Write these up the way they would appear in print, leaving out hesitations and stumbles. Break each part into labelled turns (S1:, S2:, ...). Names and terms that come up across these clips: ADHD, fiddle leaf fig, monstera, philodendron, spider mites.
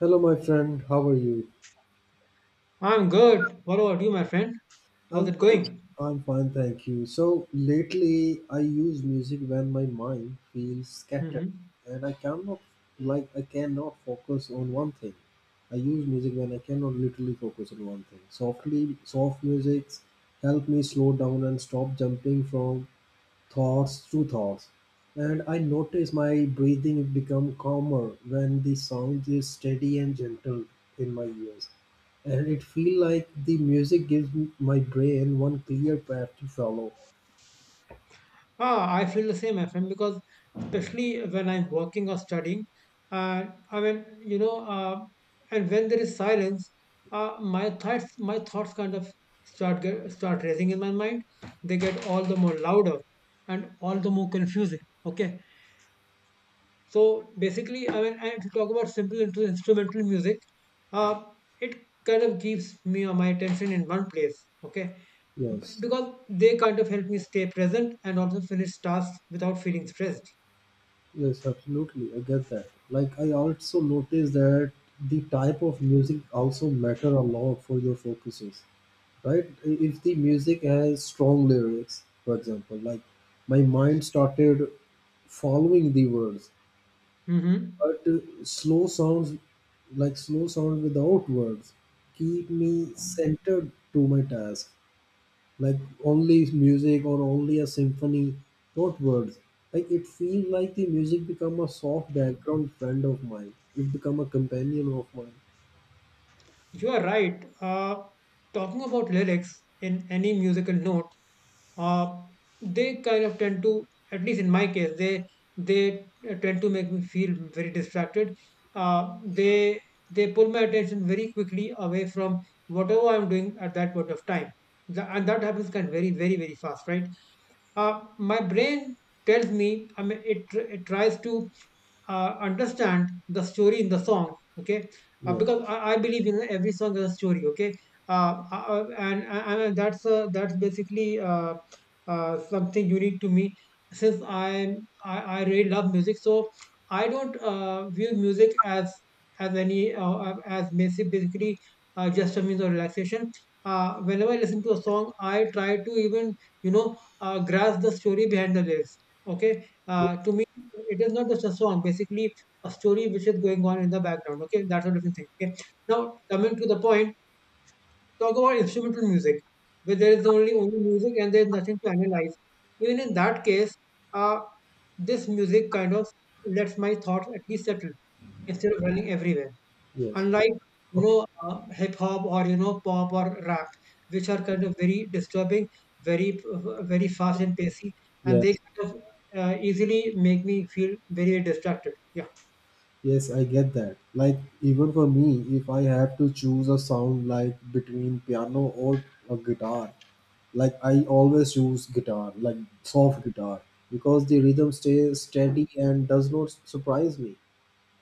S1: Hello, my friend. How are you?
S2: I'm good. What about you, my friend? How's
S1: I'm
S2: it
S1: fine.
S2: going?
S1: I'm fine, thank you. So lately, I use music when my mind feels scattered,
S2: hmm
S1: and I cannot, like, I cannot focus on one thing. I use music when I cannot literally focus on one thing. Softly, soft music help me slow down and stop jumping from thoughts through thoughts. And I notice my breathing become calmer when the sound is steady and gentle in my ears. And it feel like the music gives my brain one clear path to follow.
S2: Ah, I feel the same, my friend, because especially when I'm working or studying, uh, I mean, you know, uh, and when there is silence, my thoughts kind of start raising in my mind. They get all the more louder and all the more confusing. Okay. So basically, and if talk about simple instrumental music, uh, it kind of keeps me or my attention in one place. Okay,
S1: Yes,
S2: because they kind of help me stay present and also finish tasks without feeling stressed.
S1: yes, absolutely. I get that. Like I also notice that the type of music also matter a lot for your focuses, right? If the music has strong lyrics, for example, like my mind started following the words.
S2: hmm
S1: But slow sounds, like slow sound without words, keep me centered to my task. Like only music or only a symphony, not words. Like it feels like the music become a soft background friend of mine. It become a companion of mine.
S2: You are right. Talking about lyrics in any musical note, uh, they kind of tend to, at least in my case, they tend to make me feel very distracted. They pull my attention very quickly away from whatever I'm doing at that point of time. And that happens kind of very fast, right? My brain tells me, I mean, it tries to understand the story in the song. Okay,
S1: Yes,
S2: because I believe in every song has a story. Okay. And that's basically something unique to me since I really love music, so I don't view music as any as basic basically just a means of relaxation. Whenever I listen to a song I try to even grasp the story behind the lyrics. Okay,
S1: yes,
S2: to me it is not just a song, basically a story which is going on in the background. Okay, that's a different thing. Okay, now coming to the point, talk about instrumental music, where there is only music and there is nothing to analyze. Even in that case, uh, this music kind of lets my thoughts at least settle instead of running everywhere.
S1: yes.
S2: Unlike
S1: Okay.
S2: hip hop or, you know, pop or rap, which are kind of very disturbing, very fast and pacey, and they
S1: Yes.
S2: kind of easily make me feel very distracted. Yeah.
S1: Yes, I get that. Like, even for me, if I have to choose a sound like between piano or a guitar, like I always choose guitar, like soft guitar, because the rhythm stays steady and does not surprise me.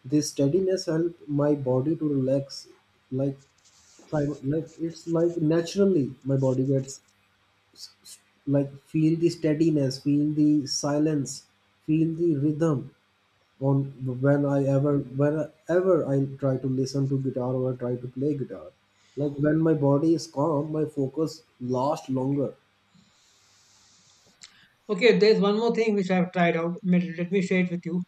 S1: This steadiness helps my body to relax, like, try- like it's like naturally my body gets like feel the steadiness, feel the silence, feel the rhythm on when I ever whenever I try to listen to guitar or I try to play guitar. Like when my body is calm, my focus lasts longer.
S2: Okay, there's one more thing which I've tried out. Let me share it with you.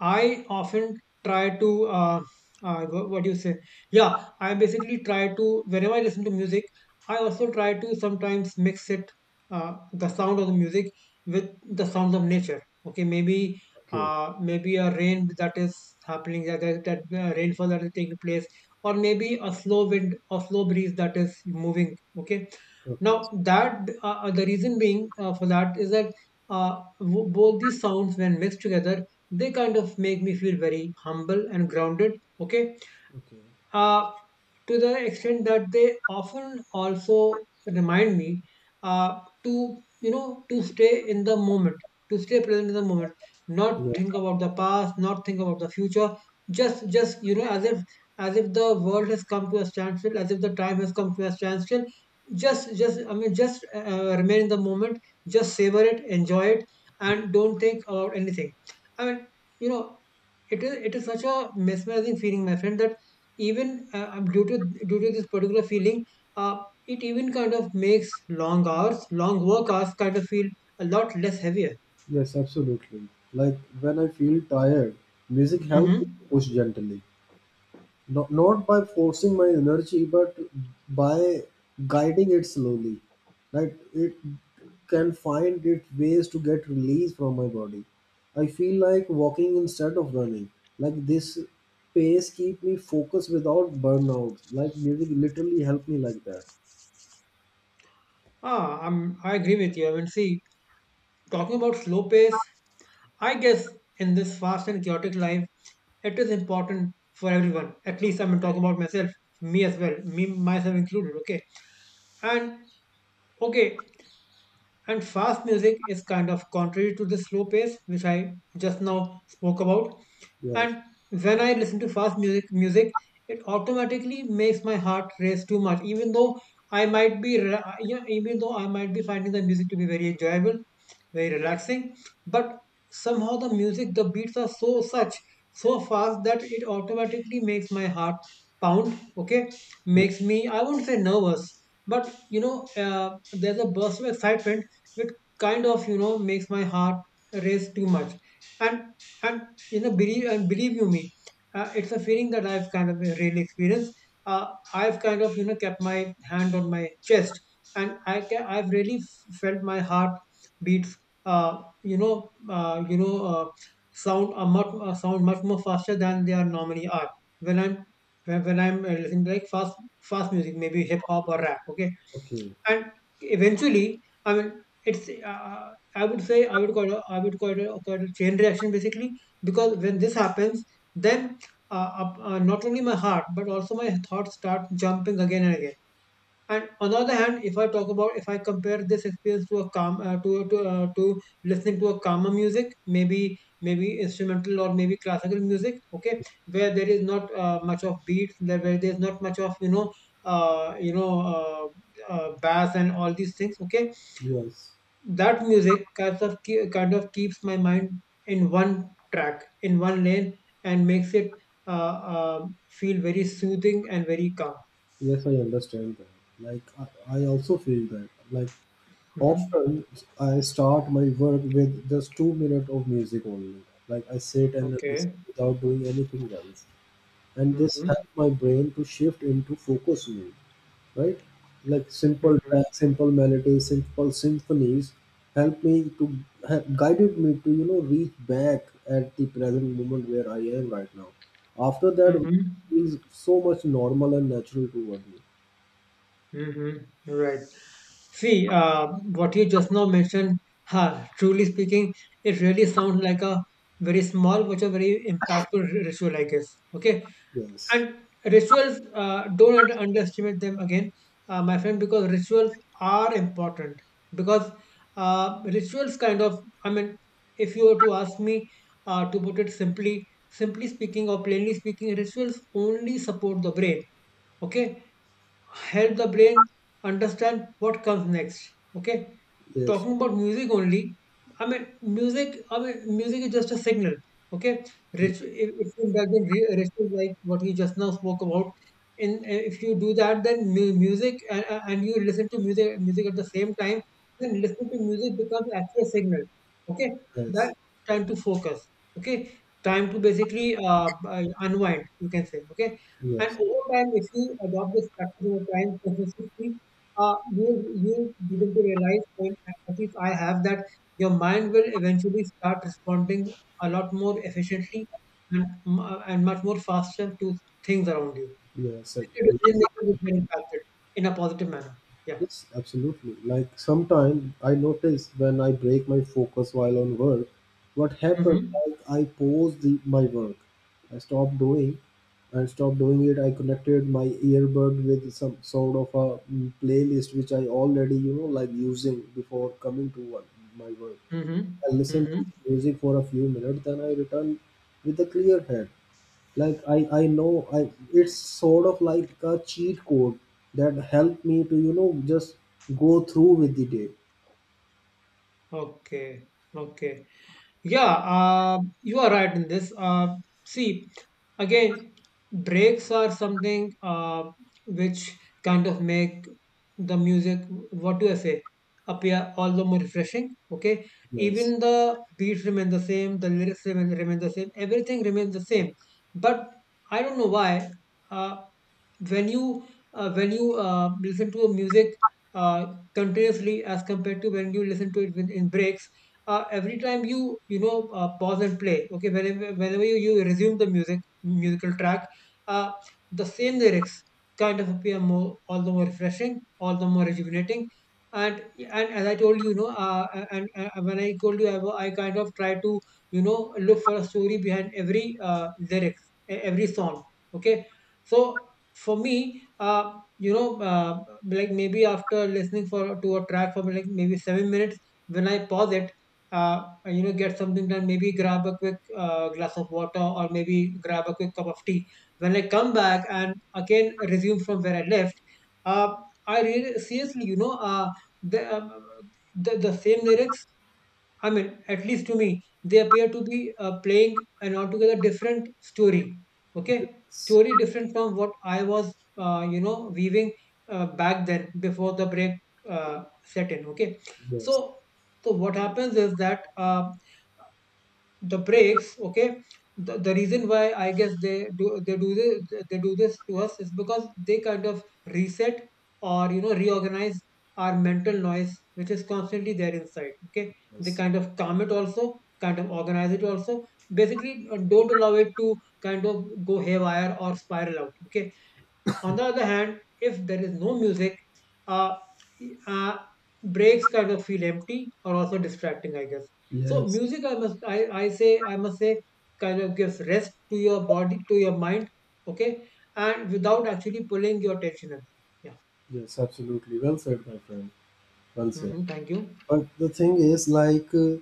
S2: I often try to, what do you say? Yeah, I basically try to, whenever I listen to music, I also try to sometimes mix it, the sound of the music with the sounds of nature. Okay, maybe
S1: Okay,
S2: maybe a rain that is happening, that, that, that rainfall that is taking place, or maybe a slow wind or slow breeze that is moving. Okay,
S1: okay,
S2: now that the reason being for that is that both these sounds when mixed together they kind of make me feel very humble and grounded. Okay,
S1: okay.
S2: uh, to the extent that they often also remind me to, you know, to stay in the moment, to stay present in the moment,
S1: Yeah.
S2: not think about the past, not think about the future, just you know, as if, as if the world has come to a standstill, as if the time has come to a standstill, just I mean just remain in the moment, just savor it, enjoy it,
S1: Mm.
S2: and don't think about anything. I mean, you know, it is such a mesmerizing feeling, my friend, that even due to, due to this particular feeling, uh, it even kind of makes long hours, long work hours kind of feel a lot less heavier.
S1: Yes, absolutely. Like when I feel tired, music helps me
S2: hmm
S1: push gently. No, not by forcing my energy, but by guiding it slowly. Right? It can find its ways to get release from my body. I feel like walking instead of running. Like this pace keep me focused without burnout. Like literally, literally help me like that.
S2: I'm, I agree with you. I mean, see, talking about slow pace, I guess in this fast and chaotic life it is important for everyone. At least I'm talking about myself, me as well, me myself included. Okay, and okay, and fast music is kind of contrary to the slow pace, which I just now spoke about.
S1: Yes.
S2: And when I listen to fast music, it automatically makes my heart race too much, even though I might be, yeah, even though I might be finding the music to be very enjoyable, very relaxing. But somehow the music, the beats are so fast that it automatically makes my heart pound. Okay,
S1: Yeah.
S2: makes me, I won't say nervous, but you know, there's a burst of excitement which kind of, you know, makes my heart race too much, and and you know, believe you me, it's a feeling that I've kind of really experienced. uh, I've kind of, you know, kept my hand on my chest and I've really felt my heart beats uh, you know uh, you know uh, sound are much sound much more faster than they are normally are. When I'm when I'm listening to like fast music, maybe hip hop or rap, okay,
S1: Okay.
S2: and eventually, I mean, it's I would say I would call it, I would call it a chain reaction basically, because when this happens, then not only my heart but also my thoughts start jumping again and again. And on the other hand, if I talk about, if I compare this experience to a calm to listening to a calmer music, maybe maybe instrumental or maybe classical music, okay, where there is not much of beats, there where there is not much of, uh, you know uh, bass and all these things, okay,
S1: Yes.
S2: that music kind of keeps my mind in one track, in one lane, and makes it uh, uh, feel very soothing and very calm.
S1: Yes, I understand that. Like I also feel that. Like
S2: hmm
S1: often I start my work with just 2 minutes of music only. Like I sit and listen
S2: Okay.
S1: without doing anything else. And this
S2: Mm-hmm.
S1: helps my brain to shift into focus mode, right? Like simple tracks, simple melodies, simple symphonies help me to have guided me to, you know, reach back at the present moment where I am right now. After that it
S2: Mm-hmm.
S1: is so much normal and natural toward me.
S2: Mm-hmm. Right. See, what you just now mentioned, ha, truly speaking, it really sounds like a very small but a very impactful ritual, I guess. Okay.
S1: Yes.
S2: And rituals, don't underestimate them again, my friend, because rituals are important. Because rituals kind of, I mean, if you were to ask me to put it simply, simply speaking or plainly speaking, rituals only support the brain. Okay, help the brain understand what comes next. Okay,
S1: Yes.
S2: talking about music only, I mean, music is just a signal. Okay,
S1: Yes.
S2: Rich, if you indulge in rituals like what you just now spoke about, in if you do that, then music and you listen to music at the same time, then listening to music becomes actually a signal. Okay, that time to focus. Okay, time to basically unwind, you can say. Okay, and
S1: Yes.
S2: over time, if you adopt this practice over time consistently, you, you'll begin to realize, or at least I have, that your mind will eventually start responding a lot more efficiently and and much more faster to things around you.
S1: Yes.
S2: Your
S1: Yes.
S2: decision making will get impacted in a positive manner. Yeah.
S1: Yes, absolutely. Like sometimes I notice when I break my focus while on work, what happens?
S2: Mm-hmm.
S1: Like I pause my work, I stop doing, and stop doing it. I connected my earbud with some sort of a playlist which I already like using before coming to work, my work.
S2: Mm-hmm.
S1: I listen to
S2: Mm-hmm.
S1: music for a few minutes, then I return with a clear head. Like I know I it's sort of like a cheat code that helped me to just go through with the day.
S2: Okay. Okay. Yeah, you are right in this. See, again, breaks are something which kind of make the music, what do I say, appear all the more refreshing. Okay,
S1: Yes,
S2: even the beats remain the same, the lyrics remain the same, everything remains the same. But I don't know why. Uh, when you when you listen to a music uh, continuously as compared to when you listen to it in breaks. Every time you, you know, pause and play, okay, whenever whenever you, you resume the music musical track, uh, the same lyrics kind of appear more all the more refreshing, all the more rejuvenating. And and as I told you, you know, and when I told you I kind of try to, you know, look for a story behind every lyrics, every song, okay. So for me, like maybe after listening for to a track for like maybe 7 minutes, when I pause it, you know, get something done, maybe grab a quick glass of water or maybe grab a quick cup of tea, when I come back and again resume from where I left, uh, I really seriously, the, um, the same lyrics, I mean, at least to me, they appear to be playing an altogether different story. Okay,
S1: yes,
S2: story different from what I was, you know, weaving back then before the break set in. Okay,
S1: yes,
S2: so so what happens is that the brakes. Okay, the reason why I guess they do this to us is because they kind of reset or, you know, reorganize our mental noise, which is constantly there inside. Okay, they
S1: yes,
S2: kind of calm it, also kind of organize it, also basically don't allow it to kind of go haywire or spiral out. Okay, on the other hand, if there is no music, uh, uh, breaks kind of feel empty or also distracting, I guess. So
S1: yes,
S2: music, I must say, kind of gives rest to your body, to your mind, okay, and without actually pulling your attention away. Yeah.
S1: yes, absolutely. Well said, my friend. Well said.
S2: Mm-hmm. Thank you.
S1: But the thing is like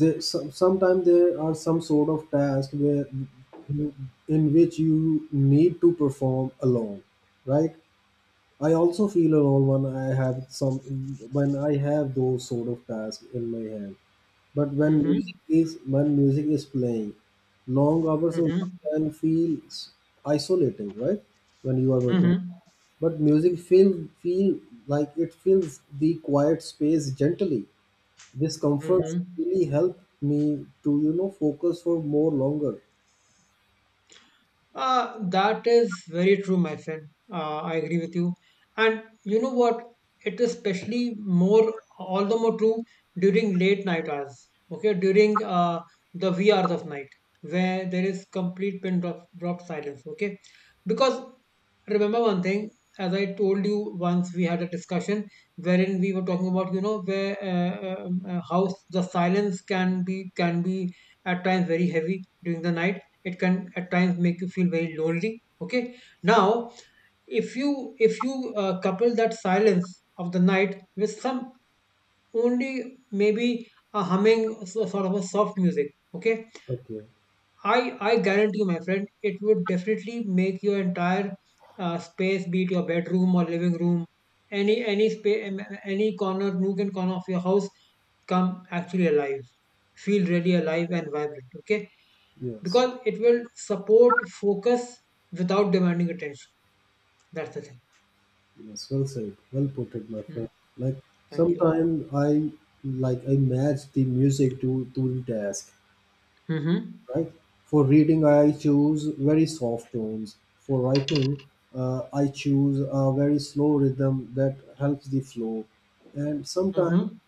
S1: sometimes there are some sort of tasks where you- in which you need to perform alone, right? I also feel alone when I have some when I have those sort of tasks in my hand. But
S2: Mm-hmm.
S1: when music is playing, long hours of
S2: Mm-hmm.
S1: work can feel isolating, right? When you are working,
S2: Mm-hmm.
S1: but music feel feel like it fills the quiet space gently. This comforts
S2: Mm-hmm.
S1: really help me to focus for more longer.
S2: That is very true, my friend. I agree with you. And you know what? It is especially more, all the more true during late night hours. Okay, during the wee hours of night, where there is complete pin drop silence. Okay, because remember one thing, as I told you once, we had a discussion wherein we were talking about, you know, where how the silence can be at times very heavy during the night. It can at times make you feel very lonely. Okay, now, if you if you couple that silence of the night with some, only maybe a sort of a soft music. Okay,
S1: Okay.
S2: i I guarantee you, my friend, it would definitely make your entire space, be it your bedroom or living room, any space, any corner, nook and corner of your house, come actually alive, feel really alive and vibrant. Okay,
S1: Yes.
S2: because it will support focus without demanding attention. That's the thing.
S1: Yes, well said. Well put it, my friend.
S2: Hmm.
S1: Like
S2: Thank you.
S1: sometimes I, like I match the music to the task,
S2: Mm-hmm.
S1: right? For reading, I choose very soft tones. For writing, I choose a very slow rhythm that helps the flow. And sometimes
S2: Mm-hmm.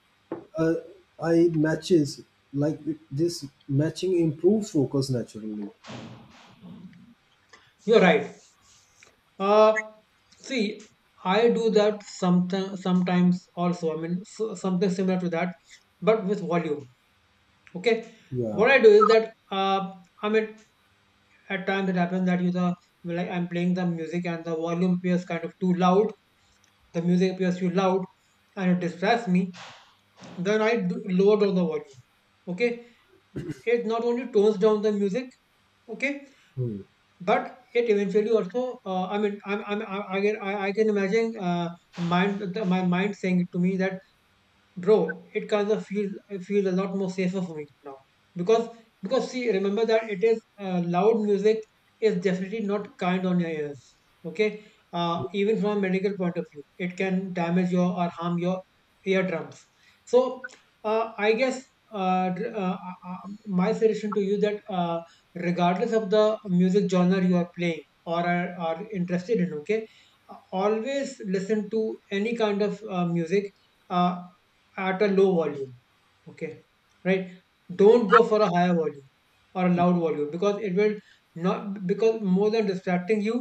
S1: uh, I matches, like this matching improves focus naturally.
S2: You're right. Uh, See, I do that sometimes. Sometimes also. I mean, so, something similar to that, but with volume. Okay.
S1: Yeah.
S2: What I do is that I mean, at times it happens that you the like I'm playing the music and the volume appears kind of too loud. The music appears too loud, and it distracts me. Then I do lower down the volume. Okay, it not only tones down the music, okay,
S1: Hmm.
S2: but it eventually also. I mean, I'm, I can imagine my mind saying to me that bro, it kind of feels a lot more safer for me now, because because see, remember that it is, loud music is definitely not kind on your ears. Okay, even from a medical point of view, it can damage your or harm your eardrums. So I guess, uh, dr- uh, my suggestion to you that regardless of the music genre you are playing or are interested in, okay, always listen to any kind of music, uh, at a low volume. Okay, right, don't go for a higher volume or a loud volume, because it will, not because more than distracting you,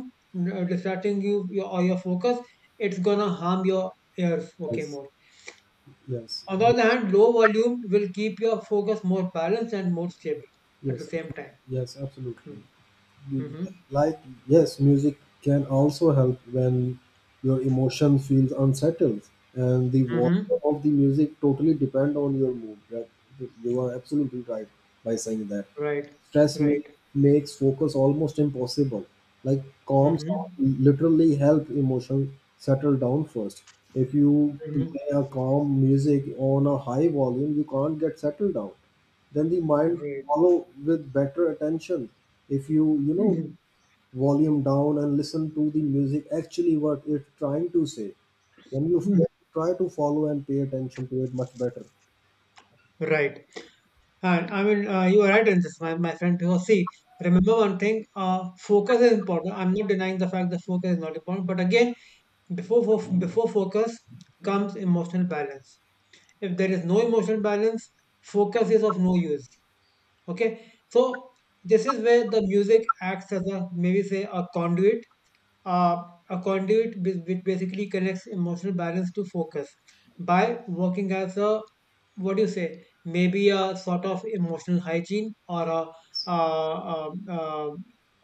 S2: distracting you, your, or your focus, it's gonna harm your ears. Okay,
S1: Yes.
S2: more.
S1: Yes.
S2: On the other hand, low volume will keep your focus more balanced and more stable at the
S1: Yes.
S2: same
S1: Absolutely.
S2: time.
S1: Yes.
S2: Hmm.
S1: Absolutely.
S2: Mm-hmm.
S1: Like, yes, music can also help when your emotion feels unsettled, and the volume
S2: Mm-hmm.
S1: of the music totally depend on your mood. Right? You are absolutely right by saying that.
S2: Right.
S1: Stress make,
S2: Right.
S1: makes focus almost impossible. Like calm sound
S2: Mm-hmm.
S1: literally help emotion settle down first. If you
S2: Mm-hmm.
S1: play a calm music on a high volume, you can't get settled down, then the mind
S2: Right.
S1: follow with better attention if you you know
S2: Mhm.
S1: volume down and listen to the music actually what it's trying to say when you
S2: Mhm.
S1: try to follow and pay attention to it much better.
S2: Right. And I mean, you are right in this, my friend. Because see, remember one thing: focus is important. I'm not denying the fact that focus is not important, but again, before focus comes emotional balance. If there is no emotional balance, focus is of no use. Okay, so this is where the music acts as a, maybe say, a conduit, uh, a which basically connects emotional balance to focus by working as a, what do you say, maybe a sort of emotional hygiene, or a uh, um, uh,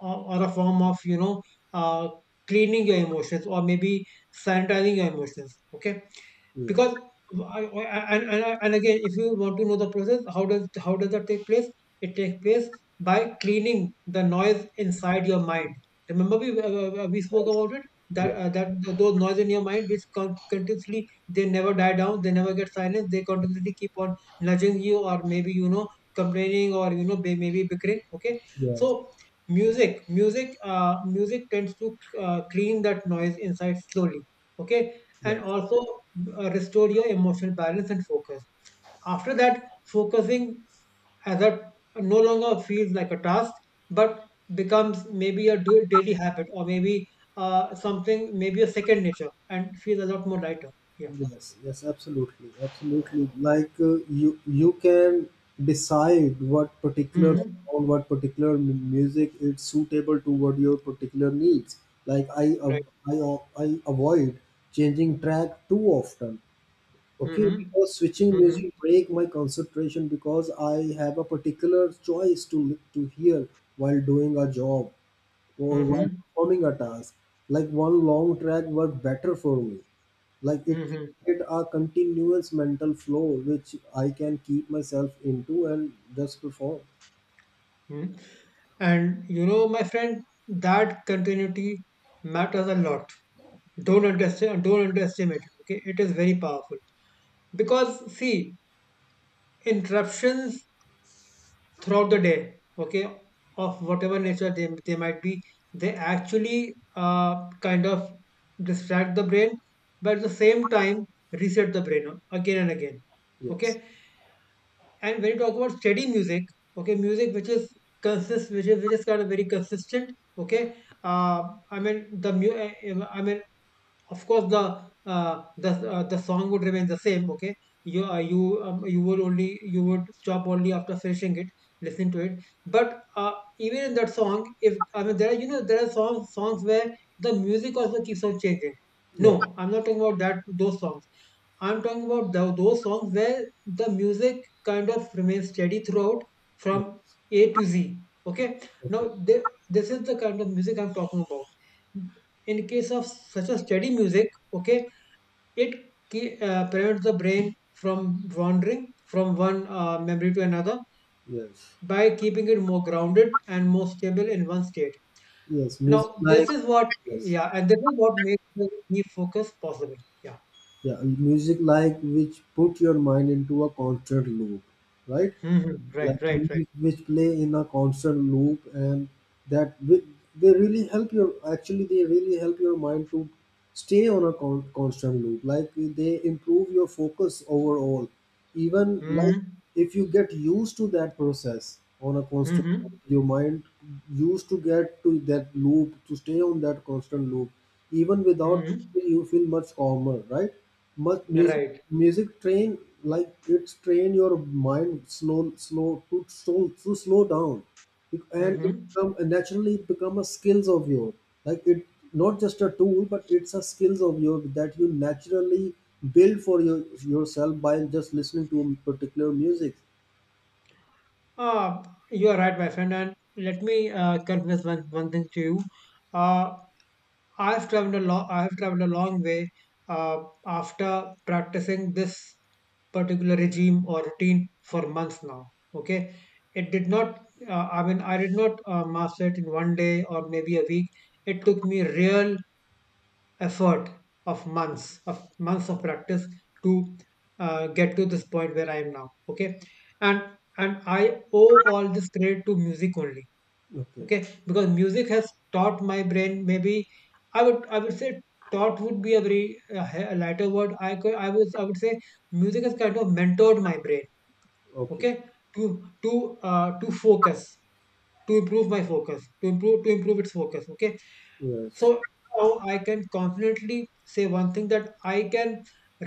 S2: or or a form of, you know, uh, cleaning your emotions, or maybe sanitizing your emotions. Okay,
S1: Yes,
S2: because and again, if you want to know the process, how does that take place, it takes place by cleaning the noise inside your mind. Remember, we spoke about it
S1: yes,
S2: that that those noise in your mind which continuously, they never die down, they never get silenced, they
S1: yes,
S2: continuously keep on nudging you, or maybe, you know, complaining, or you know, maybe bickering. Okay, so
S1: yes,
S2: music tends to clean that noise inside slowly. Okay, and
S1: yes.
S2: also restore your emotional balance and focus. After that, focusing as a, no longer feels like a task, but becomes maybe a daily habit, or maybe something, maybe a second nature, and feels a lot more lighter. Yeah.
S1: Yes, yes, absolutely, absolutely. Like you, you can decide what particular
S2: Mm-hmm.
S1: song, what particular music is suitable to what your particular needs. Like
S2: Right.
S1: I avoid changing track too often. Okay,
S2: Mm-hmm.
S1: because switching
S2: Mm-hmm.
S1: music break my concentration because I have a particular choice to to hear while doing a job or while
S2: Mm-hmm.
S1: performing a task. Like one long track worked better for me. Like it
S2: Mm-hmm.
S1: created a continuous mental flow which I can keep myself into and just perform.
S2: Mm. And you know, my friend, that continuity matters a lot. Don't understand. Don't underestimate it. Okay, it is very powerful, because see, interruptions throughout the day, okay, of whatever nature they might be, they actually kind of distract the brain, but at the same time reset the brain again and again.
S1: Yes.
S2: Okay, and when you talk about steady music, okay, music which is which is kind of very consistent, okay, uh, I mean I mean, of course the the song would remain the same, okay, you you would only, you would stop only after finishing it, listen to it, but even in that song, if I mean, there are, you know, there are songs where the music also keeps on changing. No,
S1: Yeah.
S2: I'm not talking about that, those songs. I'm talking about those songs where the music kind of remains steady throughout,
S1: Yeah.
S2: from a to z. Okay, now,
S1: Okay.
S2: th- this is the kind of music I'm talking about. In case of such a steady music, okay, it prevents the brain from wandering from one memory to another
S1: Yes.
S2: by keeping it more grounded and more stable in one state.
S1: Yes. Music
S2: Now,
S1: like
S2: this is what,
S1: yes.
S2: yeah, and this is what makes the refocus possible. Yeah.
S1: Yeah. Music like which put your mind into a constant loop. Right?
S2: Hmm.
S1: Like
S2: Right, right, right.
S1: music which play in a constant loop, and that wi- they really help your, actually they really help your mind to stay on a constant loop, like they improve your focus overall. Even like
S2: Mm-hmm.
S1: if you get used to that process on a constant,
S2: Mm-hmm.
S1: your mind used to get to that loop to stay on that constant loop even without
S2: Mm-hmm.
S1: music, you feel much calmer, right? much music
S2: Right.
S1: train, like it's train your mind slow slow to slow to slow down. And it
S2: Mm-hmm.
S1: become naturally, it become a skills of your, like it not just a tool but it's a skills of your that you naturally build for your yourself by just listening to particular music.
S2: Uh, you are right, my friend. And let me confess one, one thing to you. Uh, I have traveled a long way after practicing this particular regime or routine for months now. Okay, it did not. I mean, I did not master it in 1 day or maybe a week. It took me real effort of months of practice to get to this point where I am now. Okay, and and I owe all this credit to music only.
S1: Okay,
S2: Okay, because music has taught my brain, maybe I would say taught would be a very lighter word, I could I was I would say music has kind of mentored my brain.
S1: okay,
S2: Okay, to to to focus, to improve my focus, to improve its focus. Okay, so
S1: yes,
S2: now I can confidently say one thing, that I can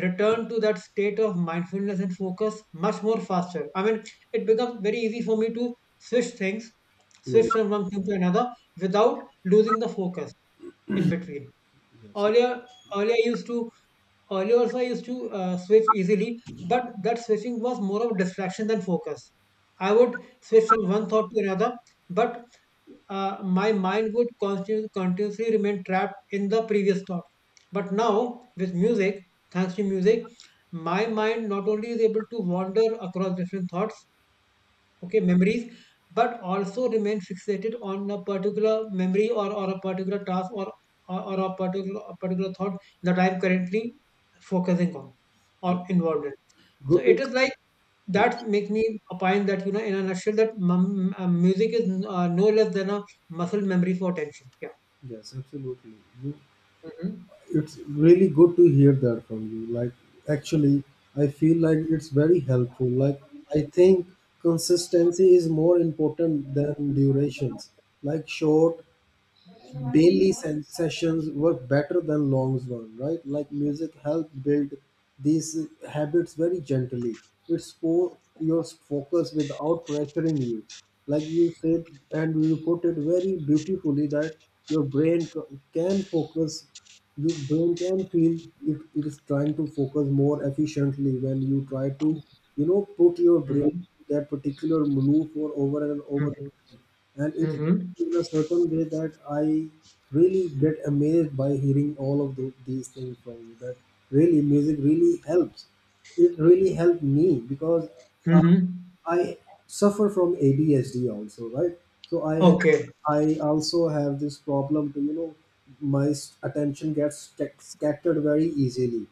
S2: return to that state of mindfulness and focus much more faster. I mean, it becomes very easy for me to switch things,
S1: yes.
S2: switch from one thing to another without losing the focus in between.
S1: Yes.
S2: Earlier, earlier I used to earlier also I used to switch easily, but that switching was more of distraction than focus. I would switch from one thought to another, but my mind would continuously remain trapped in the previous thought. But now, with music, thanks to music, my mind not only is able to wander across different thoughts, okay, memories, but also remain fixated on a particular memory, or a particular task, or a particular thought that I'm currently focusing on or
S1: Yeah.
S2: involved in. So
S1: Good
S2: it
S1: to
S2: is like,
S1: yes,
S2: that makes me opine that, you know, in a nutshell, that music is no less than a muscle memory for attention. Yeah.
S1: yes, absolutely. You,
S2: Mm-hmm.
S1: it's really good to hear that from you. Like actually, I feel like it's very helpful. Like I think consistency is more important than durations. Like short daily sessions were better than long ones, right? Like music helped build these habits very gently. It's for your focus without pressuring you. Like you said, and you put it very beautifully that your brain can focus, your brain can feel it, it is trying to focus more efficiently when you try to, you know, put your brain
S2: Mm-hmm.
S1: that particular loop over and over
S2: Mm-hmm.
S1: and it
S2: Mm-hmm.
S1: in a certain way that I really get amazed by hearing all of these things from you. That really music really helps. It really helped me because uh,
S2: Mm-hmm.
S1: I suffer from ADHD also, right? So I have,
S2: Okay,
S1: I also have this problem to attention gets scattered very easily.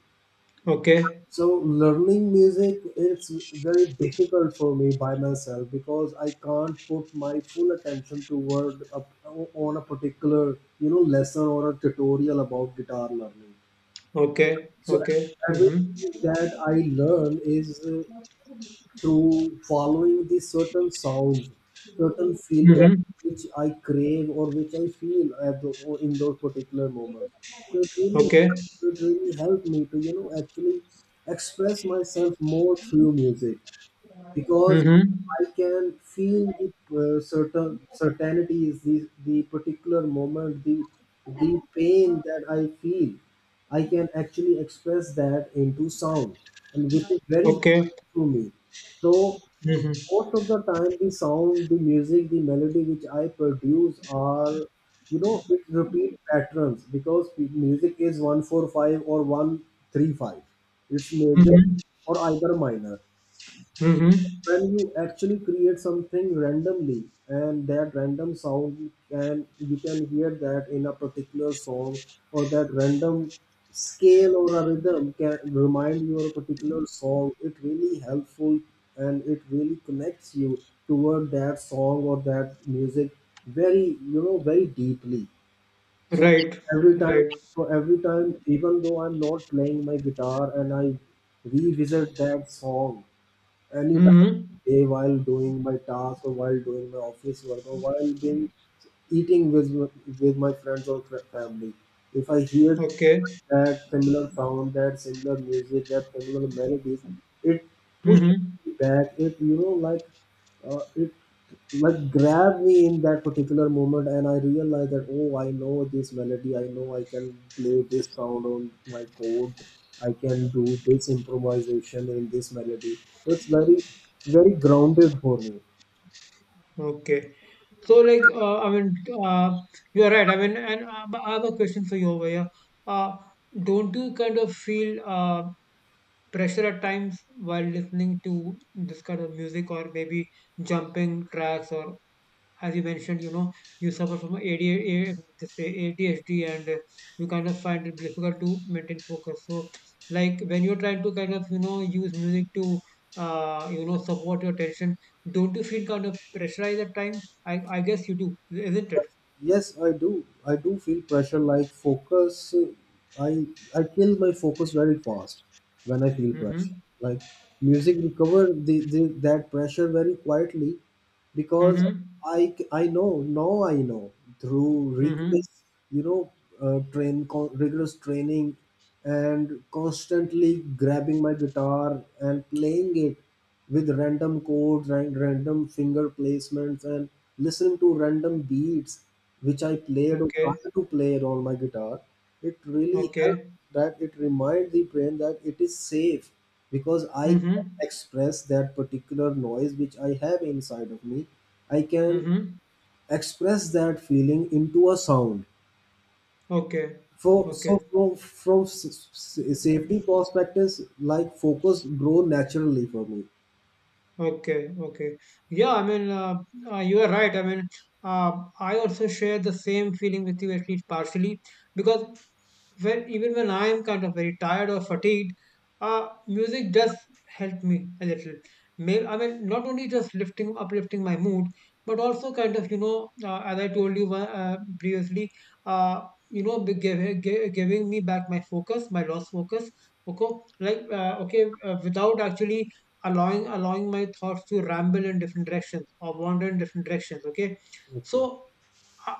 S2: okay,
S1: So learning music it's very difficult for me by myself because I can't put my full attention on a particular you know lesson or a tutorial about guitar learning.
S2: okay,
S1: So
S2: okay. Mm-hmm.
S1: everything that I learn is through following the certain sounds, certain feelings
S2: Mm-hmm.
S1: which I crave or which I feel at the, or in those particular moments. So
S2: Okay.
S1: it really helped me to you know actually express myself more through music because
S2: Mm-hmm.
S1: I can feel the certain certainty is the particular moment, the pain that I feel. I can actually express that into sound, and which is very
S2: Okay.
S1: unique to me. So
S2: Mm-hmm.
S1: most of the time, the sound, the music, the melody which I produce are, you know, it repeat patterns because the music is 1-4-5 or 1-3-5. It's major
S2: Mm-hmm.
S1: or either minor when
S2: Mm-hmm.
S1: you actually create something randomly, and that random sound and you can hear that in a particular song or that random scale or a rhythm can remind you of a particular song, it really helpful and it really connects you toward that song or that music very you know very deeply. So
S2: Right.
S1: every time,
S2: Right.
S1: for every time, even though I'm not playing my guitar and I revisit that song anytime
S2: Mm-hmm.
S1: day while doing my task or while doing my office work or while being eating with my friends or family, if I hear
S2: Okay.
S1: that similar sound, that similar music, that similar melodies, it pushes
S2: Mm-hmm.
S1: me back, it you know like it what grabbed me in that particular moment, and I realized that oh I know this melody, I know I can play this sound on my chord, I can do this improvisation in this melody. So it's very very grounded for me.
S2: Okay. So, like, I mean, uh, you're right. I mean, and but I have a question for you over here. Uh, don't you kind of feel pressure at times while listening to this kind of music, or maybe jumping tracks, or as you mentioned, you know, you suffer from ADHD, this ADHD and you kind of find it difficult to maintain focus. So, like, when you're trying to kind of, you know, use music to, you know, support your attention, don't you feel kind of pressurized at times? I guess you do, isn't it?
S1: Yes, I do. I do feel pressure like focus. I I kill my focus very fast when I feel pressure.
S2: Mm-hmm.
S1: Like music recover the that pressure very quietly because
S2: Mm-hmm.
S1: I know, now I know through
S2: Mm-hmm.
S1: rigorous you know rigorous training and constantly grabbing my guitar and playing it with random chords and random finger placements and listening to random beats which I played or
S2: Okay.
S1: tried to play on my guitar, it really helped
S2: Okay.
S1: that it reminds the brain that it is safe because I can
S2: Mm-hmm.
S1: express that particular noise which I have inside of me. I can
S2: Mm-hmm.
S1: express that feeling into a sound.
S2: Okay.
S1: For, so
S2: Okay.
S1: from safety perspectives, like focus grow naturally for me.
S2: Okay, okay. Yeah, I mean, you are right. I mean, uh, I also share the same feeling with you, at least partially, because when, even when I am kind of very tired or fatigued, music does help me a little. May, I mean, not only just uplifting my mood, but also kind of, you know, as I told you previously, uh, you know, giving me back my focus, my lost focus. Okay, like okay, without actually allowing my thoughts to ramble in different directions or wander in different directions. Okay,
S1: Okay.
S2: so I,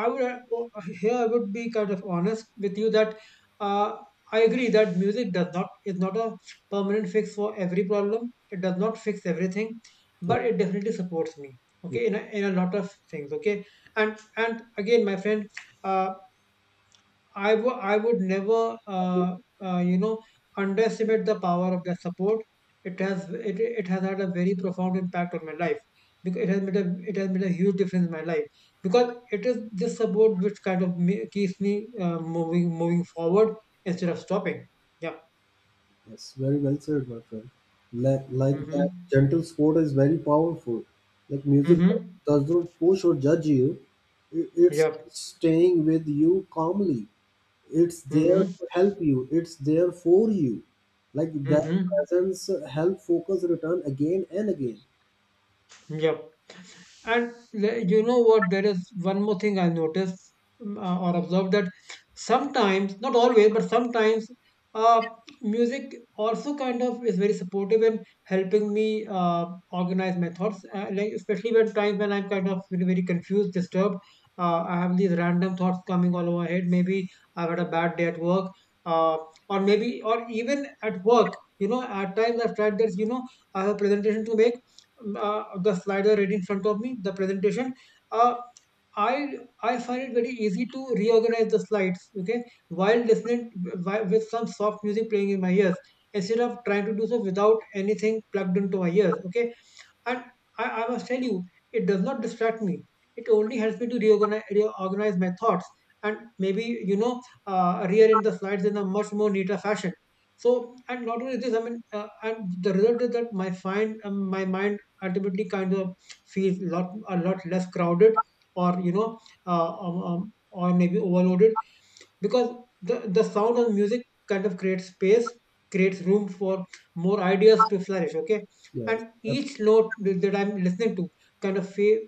S2: I, I would here I would be kind of honest with you that uh, I agree that music does not is not a permanent fix for every problem. It does not fix everything,
S1: Yeah,
S2: but it definitely supports me.
S1: yeah.
S2: Okay, in a lot of things. Okay, and again, my friend, uh, I would never, you know, underestimate the power of that support. It has had a very profound impact on my life, because it has made a huge difference in my life, because it is this support which kind of keeps me moving forward instead of stopping. Yeah.
S1: Yes, very well said, my friend. Like that,
S2: Mm-hmm.
S1: gentle sport is very powerful. Like music
S2: Mm-hmm.
S1: does not push or judge you. It's
S2: Yep.
S1: staying with you calmly. It's there
S2: Mm-hmm.
S1: to help you. It's there for you. Like that
S2: Mm-hmm.
S1: presence help focus return again and again.
S2: Yep. And you know what? There is one more thing I noticed, or observed, that sometimes, not always, but sometimes, uh, music also kind of is very supportive in helping me organize my thoughts. Like especially when times when I'm kind of very, very confused, disturbed. I have these random thoughts coming all over my head. Maybe I've had a bad day at work, uh, or maybe, or even at work. You know, at times I've tried this. You know, I have a presentation to make, the slider right in front of me, the presentation. Uh, I I find it very easy to reorganize the slides. Okay, while listening while, with some soft music playing in my ears, instead of trying to do so without anything plugged into my ears. Okay, and I must tell you, it does not distract me. It only helps me to reorganize my thoughts and maybe, you know, rearrange the slides in a much more neater fashion. So, and not only this, I mean, and the result is that my mind ultimately kind of feels a lot less crowded, or, you know, or maybe overloaded, because the sound of music kind of creates space, creates room for more ideas to flourish. Okay,
S1: Yes,
S2: and each note that I'm listening to kind of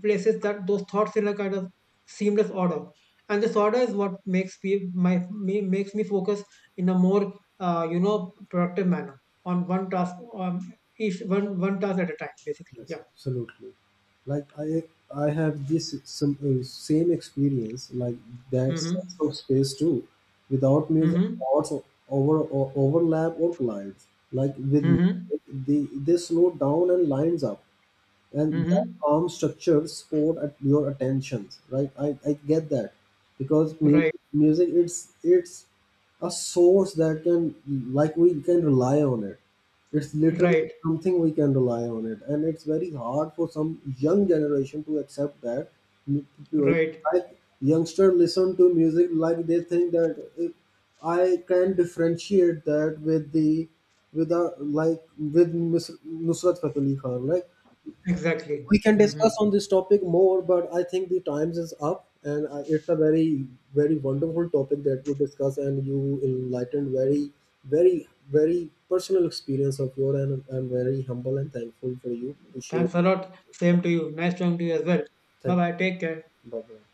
S2: places that, those thoughts in a kind of seamless order, and this order is what makes makes me focus in a more you know, productive manner on one task, on each one one task at a time, basically.
S1: yes,
S2: Yeah.
S1: absolutely. Like I have this some same experience like that
S2: Mm-hmm.
S1: sense of space too. Without music,
S2: Mm-hmm.
S1: thoughts over overlap or collides. Like with
S2: Mm-hmm.
S1: music, they slow down and lines up and that
S2: Mm-hmm.
S1: calm structure sport at your attention, right? I get that because
S2: Right,
S1: music it's a source that can, like we can rely on it, it's literally
S2: right,
S1: something we can rely on, it and it's very hard for some young generation to accept that.
S2: right,
S1: Like youngster listen to music like they think that it, I can differentiate that with the with a like with Miss Nusrat Fateh Ali Khan. Like
S2: exactly.
S1: we can
S2: Mm-hmm.
S1: discuss on this topic more, but I think the times is up, and it's a very very wonderful topic that we discuss, and you enlightened very very very personal experience of your, and I'm very humble and thankful for you to share.
S2: Thanks a lot. Same to you. Nice talking to you as well.
S1: Thank
S2: Bye bye take care.
S1: you, bye bye.